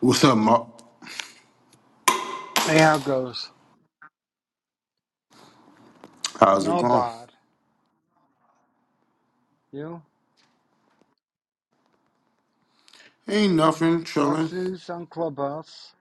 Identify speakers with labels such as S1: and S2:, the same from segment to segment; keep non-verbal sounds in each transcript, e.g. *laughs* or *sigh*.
S1: What's up, Mark?
S2: Hey, how it goes?
S1: How's it
S2: No
S1: going?
S2: bad. You?
S1: Ain't nothing,
S2: What's
S1: chilling.
S2: news on Clubhouse?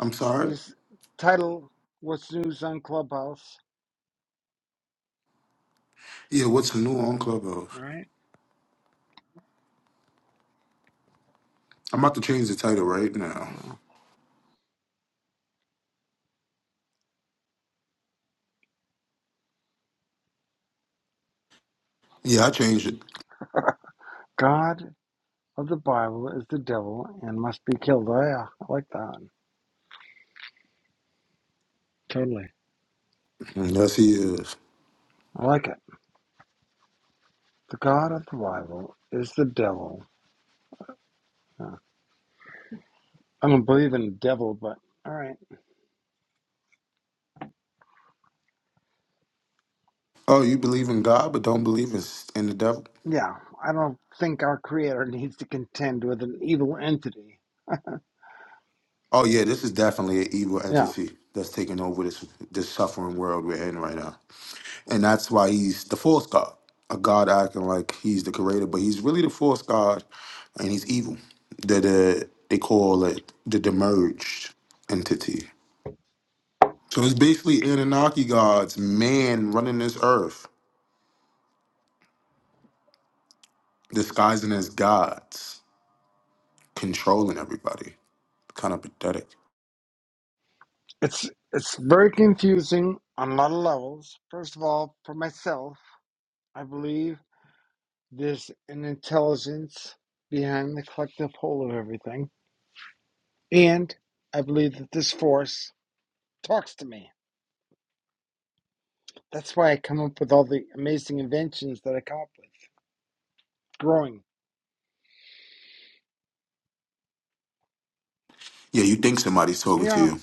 S1: I'm sorry.
S2: This title, What's News on Clubhouse?
S1: Yeah, what's new on Clubhouse?
S2: All right.
S1: I'm about to change the title right now. Yeah, I changed it.
S2: God of the Bible is the devil and must be killed. Oh, yeah. I like that one. Totally.
S1: Mm, Yes, he is.
S2: I like it. The God of the Bible is the devil. Yeah. I don't believe in the devil, but all right.
S1: Oh, you believe in God but don't believe in, in the devil?
S2: Yeah. I don't think our Creator *laughs* needs to contend with an evil entity.
S1: Oh, yeah, this is definitely an evil
S2: Yeah.
S1: entity that's taking over this this suffering world we're in right now. And that's why he's the false God. A God acting like he's the creator, but he's really the false God and he's evil. That uh, they call it the demerged entity. So it's basically Anunnaki gods, man running this earth, disguising as gods, controlling everybody. Kind of pathetic.
S2: It's it's very confusing on a lot of levels. First of all, for myself, I believe there's an intelligence behind the collective whole of everything, and I believe that this force talks to me. That's why I come up with all the amazing inventions that I come up with. Growing,
S1: Yeah, you think somebody's talking to
S2: yeah,
S1: you.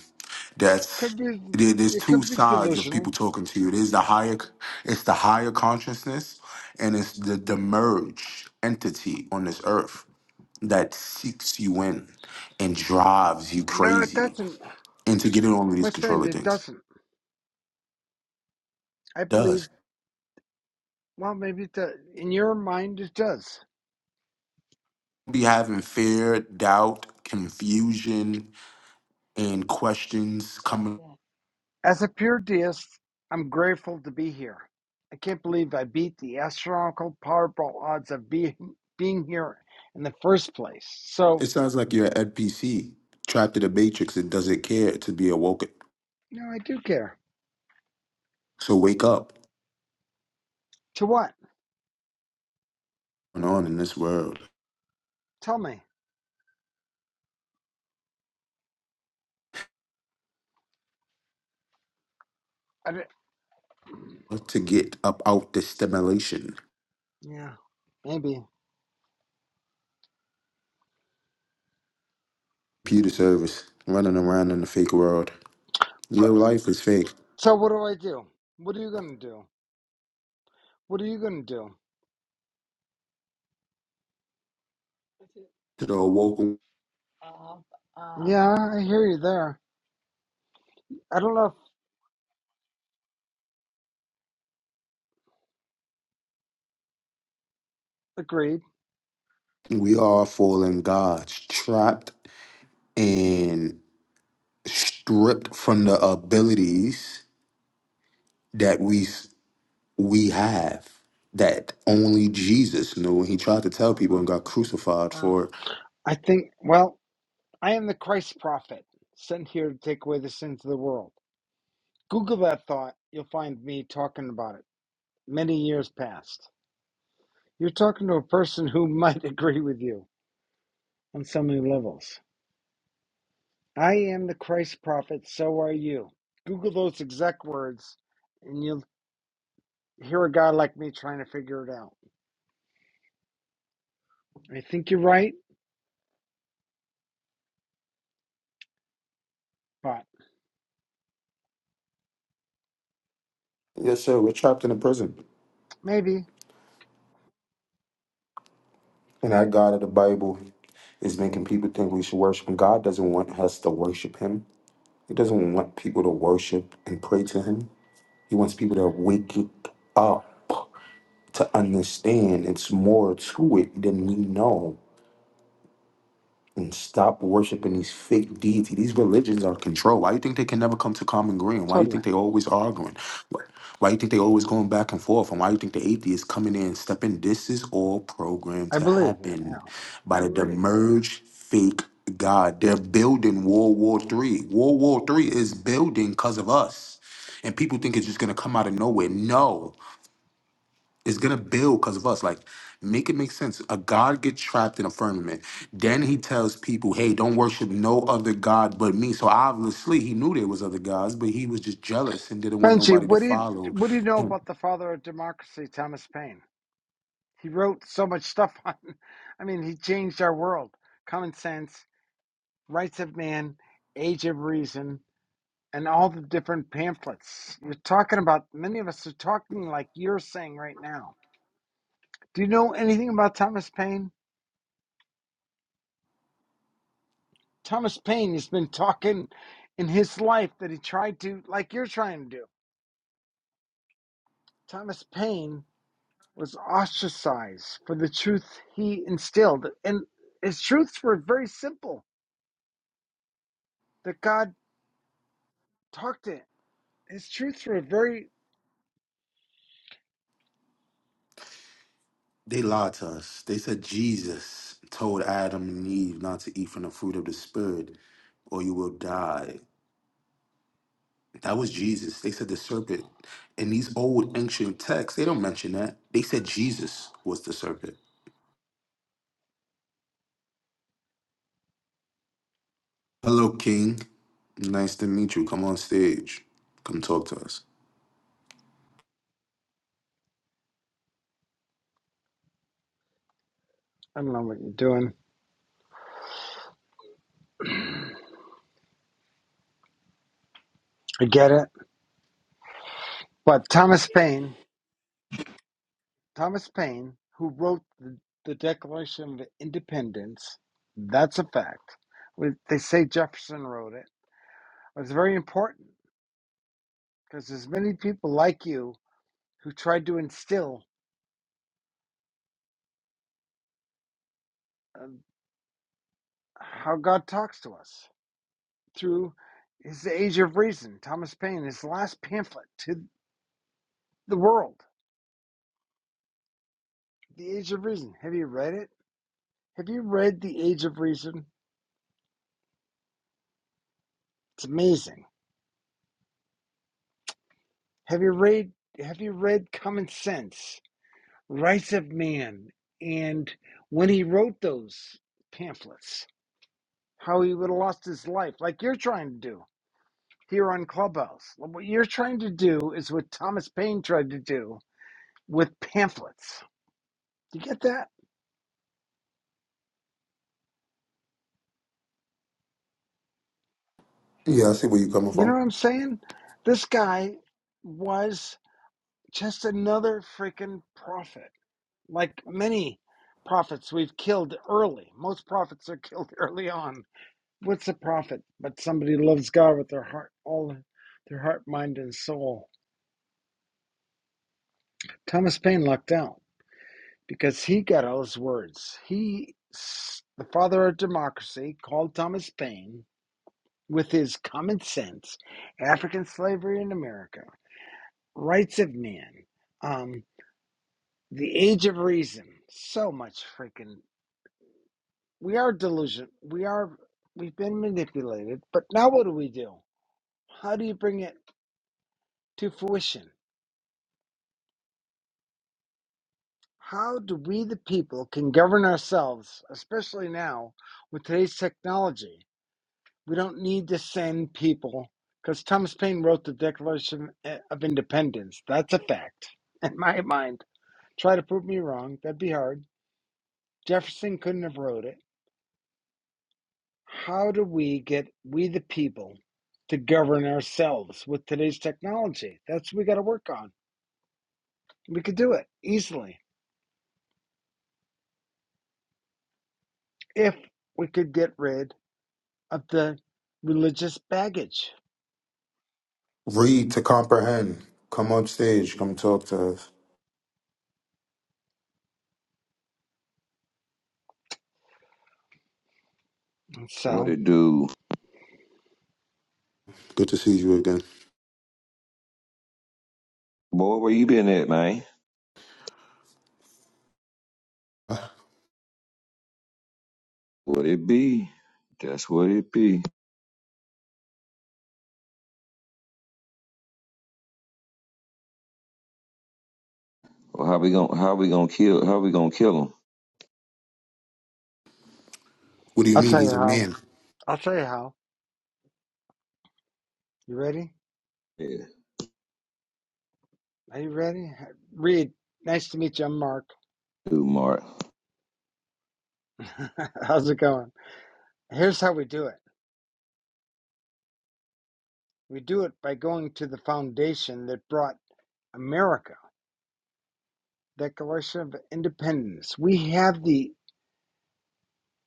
S1: That's
S2: could be
S1: there, there's
S2: it
S1: two
S2: could be
S1: sides of people
S2: delusional.
S1: talking to you. There's the higher, it's the higher consciousness, and it's the demurge entity on this earth that seeks you in and drives you
S2: No, it
S1: crazy
S2: doesn't,
S1: into getting all of
S2: my
S1: these
S2: friend.
S1: controller
S2: It
S1: things.
S2: doesn't. I believe.
S1: Does
S2: Well, maybe it does. in your mind it does.
S1: be having fear, doubt, confusion, and questions coming.
S2: As a pure deist, I'm grateful to be here. I can't believe I beat the astronomical Powerball odds of being being here in the first place.
S1: It
S2: So,
S1: sounds like you're at PC, trapped in a matrix and doesn't care to be awoken.
S2: you know, I do care.
S1: So wake up
S2: To what?
S1: and on in this world
S2: Tell me. I d-
S1: to get up out this stimulation.
S2: yeah, maybe.
S1: Computer service running around in the fake world. Your life is fake.
S2: So, what do I do? What are you gonna do? What are you gonna do?
S1: To the awoken,
S2: Uh, Yeah, I hear you there. I don't know if agreed.
S1: we are fallen gods, trapped and stripped from the abilities that we we have that only Jesus knew. And he tried to tell people and got crucified for
S2: I think. Well, I am the Christ prophet, sent here to take away the sins of the world. Google that thought, you'll find me talking about it many years past. You're talking to a person who *laughs* might agree with you on so many levels. I am the Christ prophet, so are you. Google those exact words, and you'll hear a guy like me trying to figure it out. I think you're right, but
S1: Yes, sir. We're trapped in a prison.
S2: maybe,
S1: And that God of the Bible is making people think we should worship him. God doesn't want us to worship him. He doesn't want people to worship and pray to him. He wants people to wake it up to understand it's more to it than we know. and stop worshiping these fake deity. These religions are control. Why you think they can never come to common ground? Why you
S2: totally.
S1: think they always arguing? Why why you think they always going back and forth? And why you think the atheists coming in and stepping? This is all programmed
S2: I
S1: to
S2: believe you.
S1: happen
S2: Al.
S1: by the demerge fake God. They're building World War Three. World War Three is building because of us. And people think it's just gonna come out of nowhere. No. It's gonna build because of us. Like, make it make sense. A god gets trapped in a firmament. Then he tells people, "Hey, don't worship no other god but me." So obviously, he knew there was other gods, but he was just jealous and didn't want
S2: Benji,
S1: nobody to
S2: what do you,
S1: follow
S2: what do you know
S1: him.
S2: about the father of democracy, Thomas Paine? He wrote so much stuff *laughs* on, I mean, he changed our world. Common Sense, Rights of Man, Age of Reason, and all the different pamphlets. You're talking about, many of us are talking like you're saying right now. Do you know anything about Thomas Paine? Thomas Paine has been talking in his life that he tried to, like you're trying to do. Thomas Paine was ostracized for the truth he instilled. And his truths were very simple that God talked to him. His truths were very,
S1: They lied to us. They said Jesus told Adam and Eve not to eat from the fruit of the spirit, or you will die. That was Jesus. They said the serpent. In these old ancient texts, they don't mention that. They said Jesus was the serpent. Hello, King. Nice to meet you. Come on stage. Come talk to us.
S2: I don't know what you're doing. I get it. But Thomas Paine Thomas Paine, who wrote the, the Declaration of Independence, that's a fact. When They say Jefferson wrote it. It's very important because there's many people like you who tried to instill um, how God talks to us through his Age of Reason. Thomas Paine, his last pamphlet to the world, The Age of Reason. Have you read it? Have you read The Age of Reason? It's amazing. Have you read Have you read Common Sense? Rights of Man, and when he wrote those pamphlets, how he would have lost his life, like you're trying to do here on Clubhouse. Like, What you're trying to do is what Thomas Paine tried to do with pamphlets. You get that?
S1: Yeah, I see where you're coming
S2: You know
S1: from.
S2: what I'm saying? This guy was just another freaking prophet, like many prophets we've killed early. Most prophets are killed *laughs* early on What's the profit but somebody loves God with their heart, all their heart, mind, and soul? Thomas Paine lucked out because he got all his words. He, the father of democracy, called Thomas Paine with his common sense, African slavery in America, rights of man, um, the age of reason. So much freaking. We are delusional. We are. We've been manipulated, but now what do we do? How do you bring it to fruition? how do we the people can govern ourselves especially now with today's technology we don't need to send people because thomas paine wrote the declaration eh, of independence that's a fact *laughs* in my mind try to prove me wrong that'd be hard jefferson couldn't have wrote it how do we get we the people to govern ourselves with today's technology that's what we got to work on we could do it easily if we could get rid of the religious baggage
S1: Read to comprehend. Come on stage. Come talk to us.
S3: What
S2: So
S3: it do?
S1: Good to see you again.
S3: Boy, where you been at, man?
S1: What
S3: What it be? That's what it be. Well, how we gonna how we gonna kill how we gonna kill them?
S1: do you
S2: I'll
S1: mean
S2: tell you
S1: he's a
S2: how.
S1: man?
S2: I'll tell you how. You ready?
S3: Yeah,
S2: Are you ready? Reed, nice to meet you. I'm Mark.
S3: dude, Mark.
S2: *laughs* How's it going? Here's how we do it. We do it by going to the foundation that brought America, Declaration of Independence. We have the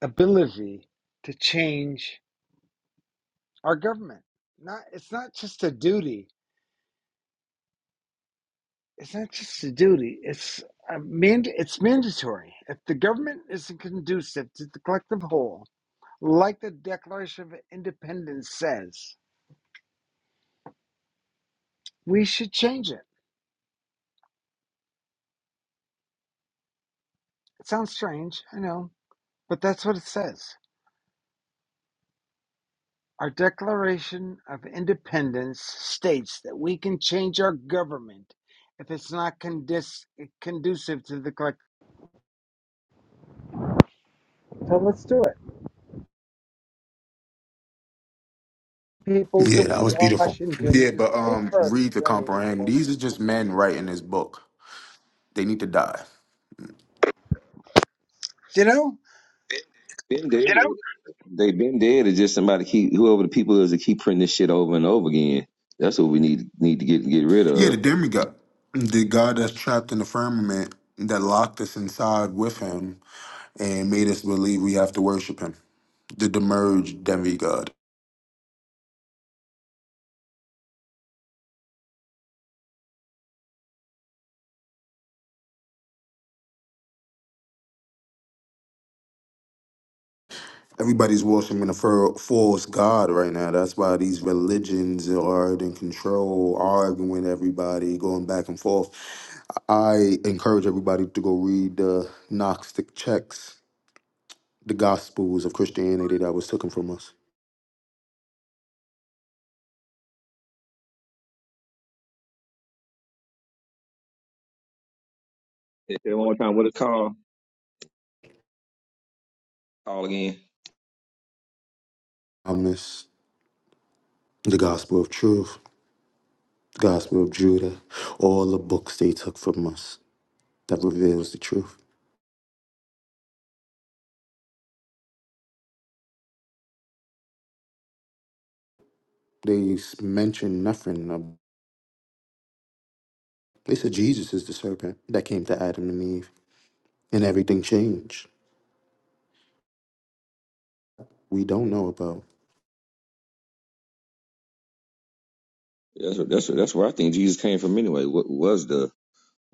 S2: ability to change our government. Not it's not just a duty. It's not just a duty. It's a mand- it's mandatory. If the government isn't conducive to the collective whole, Like the Declaration of Independence says, we should change it. It sounds strange, I know, but that's what it says. Our Declaration of Independence states that we can change our government if it's not condis- conducive to the collective. So let's do it. People
S1: Yeah,
S2: to
S1: that was beautiful.
S2: Washington
S1: Yeah,
S2: to
S1: but
S2: speak
S1: um,
S2: for us
S1: read to comprehend.
S2: anymore.
S1: These are just men writing this book. They need to die.
S2: You know,
S3: Been dead. You know, They been dead. It's just somebody keep whoever the people is that keep printing this shit over and over again. That's what we need need to get get rid
S1: Yeah, the
S3: of.
S1: demigod, the god that's trapped in the firmament that locked us inside with him and made us believe we have to worship him. The demerged demigod. Everybody's worshiping a fir- false god right now. That's why these religions are in control, arguing with everybody, going back and forth. I encourage everybody to go read the Gnostic texts, the Gospels of Christianity that was taken from us.
S3: Say it one more time. What it called? Call again.
S1: Thomas, the Gospel of Truth, the Gospel of Judah, all the books they took from us that reveals the truth. They s- mention nothing. of- They said Jesus is the serpent that came to Adam and Eve, and everything changed. we don't know about.
S3: That's what, that's what, that's where I think Jesus came from anyway. What was the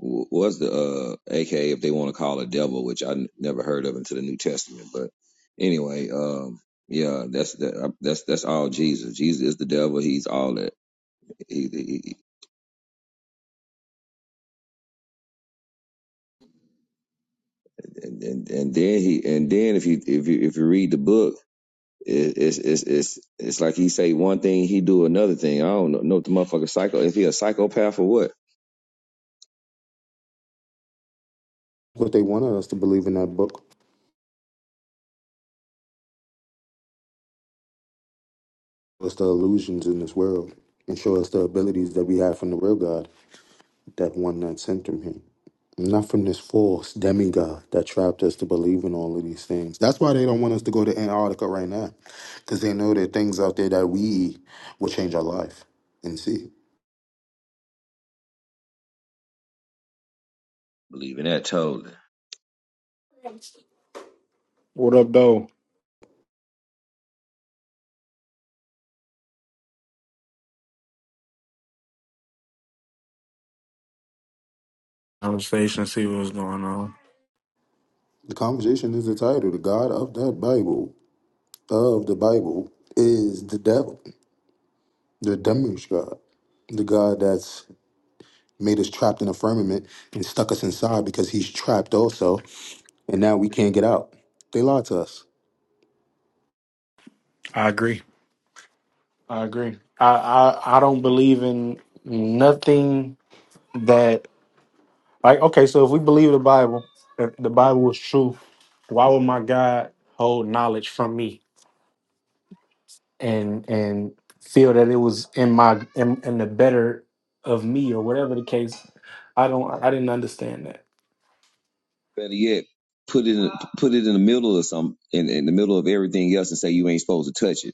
S3: w- was the uh aka if they want to call it devil which i n- never heard of until the new testament but anyway um yeah that's that, uh, that's that's all jesus jesus is the devil he's all that he, he he- and, and and then he and then if you if you if you read the book it, it's it's it's it's like he say one thing he do another thing i don't know, know if the motherfucker psycho if he a psychopath or what
S1: What they wanted us to believe in that book was the illusions in this world and show us the abilities that we have from the real God, that one that sent him here. Not from this false demigod that trapped us to believe in all of these things. That's why they don't want us to go to Antarctica right now, because they know there are things out there that we will change our life and see.
S3: Believe in that totally.
S4: What up, though? conversation, see what was going on.
S1: The conversation is entitled The God of that Bible, of the Bible, is the devil, the demish God, the God that's made us trapped in a firmament and stuck us inside because he's trapped also, and now we can't get out. They lied to us.
S4: I agree. I agree. I, I I don't believe in nothing that like. Okay, so if we believe the Bible, if the Bible is true, why would my God hold knowledge from me and and feel that it was in my in, in the better of me or whatever the case? I don't. I didn't understand that.
S3: better yet put it in, put it in the middle of some in, in the middle of everything else and say you ain't supposed to touch it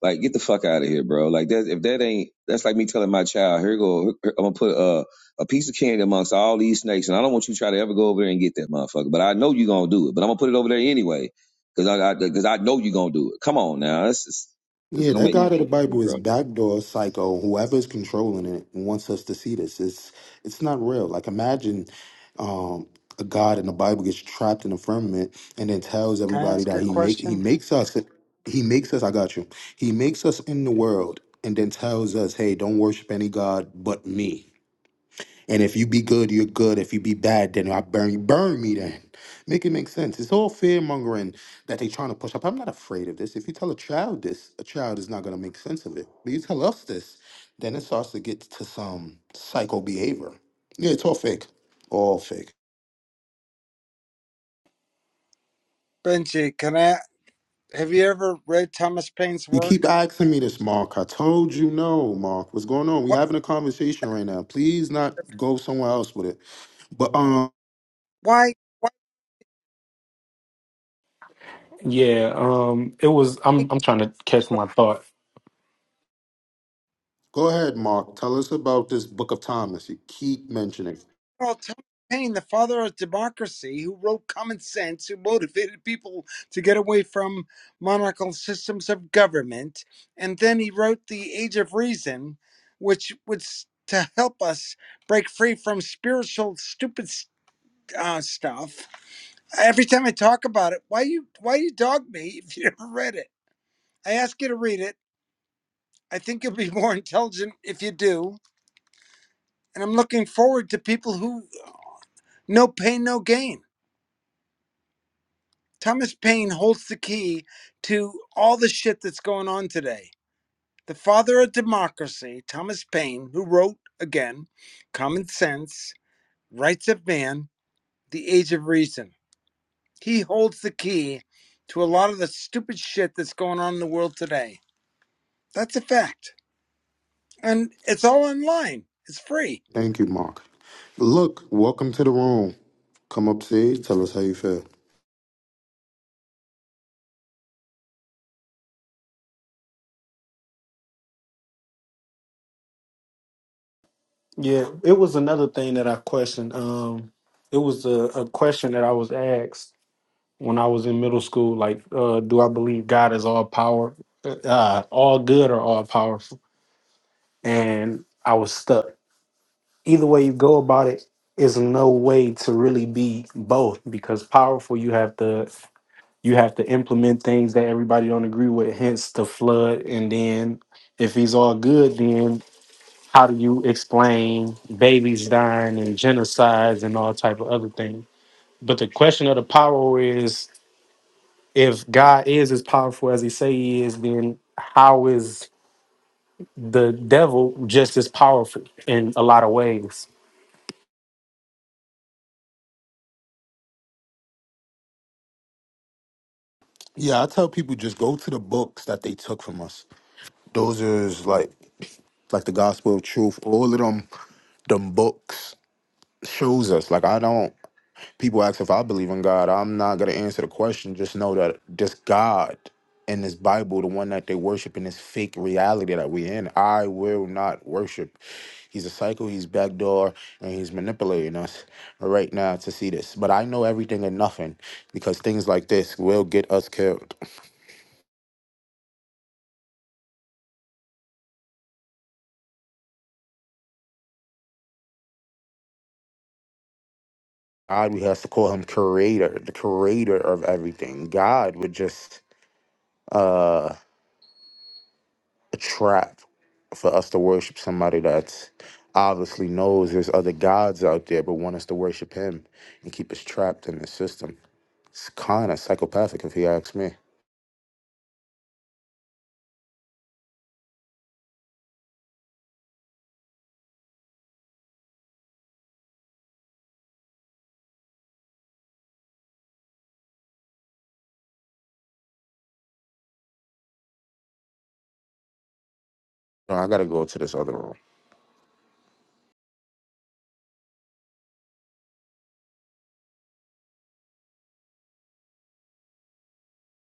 S3: Like, get the fuck out of here, bro. Like that if that ain't that's like me telling my child, here go I'm gonna put a a piece of candy amongst all these snakes, and I don't want you to try to ever go over there and get that motherfucker. But I know you're gonna do it. But I'm gonna put it over there anyway, cause I because I, because I know you're gonna do it. Come on now, that's just it
S1: Yeah,
S3: don't
S1: that
S3: make no
S1: God of the
S3: sense to me,
S1: Bible is
S3: bro.
S1: backdoor psycho. Whoever's controlling it wants us to see this. It's it's not real. Like imagine um, a God in the Bible gets trapped in a firmament and then tells
S2: can I
S1: everybody
S2: ask you
S1: that
S2: a
S1: he make he
S2: question?
S1: makes us he makes us. I got you. He makes us in the world and then tells us, hey, don't worship any god but me. And if you be good, you're good. If you be bad, then I burn you. Burn me then. Make it make sense. It's all fear mongering that they are trying to push up. I'm not afraid of this. If you tell a child this, a child is not going to make sense of it. But you tell us this, then it starts to get to some psycho behavior. Yeah, it's all fake. All fake.
S2: Benji, can I? Have you ever read Thomas Paine's
S1: You
S2: work?
S1: keep asking me this, Mark. I told you no, Mark. What's going on? We're
S2: Why?
S1: having a conversation right now. Please not go somewhere else with it. But um,
S2: Why?
S4: Yeah. Um. It was. I'm.
S2: Why?
S4: I'm trying to catch my thought.
S1: go ahead, Mark. Tell us about this Book of Thomas. You keep mentioning.
S2: Earl Thomas Paine, the father of democracy, who wrote Common Sense, who motivated people to get away from monarchical systems of government, and then he wrote The Age of Reason, which was to help us break free from spiritual stupid uh, stuff. Every time I talk about it, why you why you dog me if you never read it? I ask you to read it. I think you'll be *laughs* more intelligent if you do, and I'm looking forward to people who no pain, no gain. Thomas Paine holds the key to all the shit that's going on today. The father of democracy, Thomas Paine, who wrote again Common Sense, Rights of Man, The Age of Reason. He holds the key to a lot of the stupid shit that's going on in the world today. That's a fact. And it's all online. It's free.
S1: Thank you, Mark. Look, welcome to the room. Come up stage, tell us how you feel.
S4: Yeah, it was another thing that I questioned. Um, it was a, a question that I was asked when I was in middle school. Like, uh, do I believe God is all power, uh, uh, all good, or all powerful? And I was stuck. Either way you go about it, is no way to really be both because powerful you have to you have to implement things that everybody don't agree with. Hence the flood, and then if he's all good, then how do you explain babies dying and genocides and all type of other things? But the question of the power is if God is as powerful as he say he is, then how is the devil just as powerful in a lot of ways?
S1: Yeah, I tell people just go to the books that they took from us. Those are like like the gospel of truth. All of them them books shows us. Like I don't people ask if I believe in God, I'm not gonna answer the question. Just know that this God in this Bible, the one that they worship in this fake reality that we are in, I will not worship. He's a psycho, he's backdoor, and he's manipulating us right now to see this. But I know everything and nothing because things like this will get us killed. God, we have to call him creator, the creator of everything. God would just uh. a trap for us to worship somebody that obviously knows there's other gods out there, but want us to worship him and keep us trapped in the system. It's kind of psychopathic, if you ask me. No, I gotta go to this other room.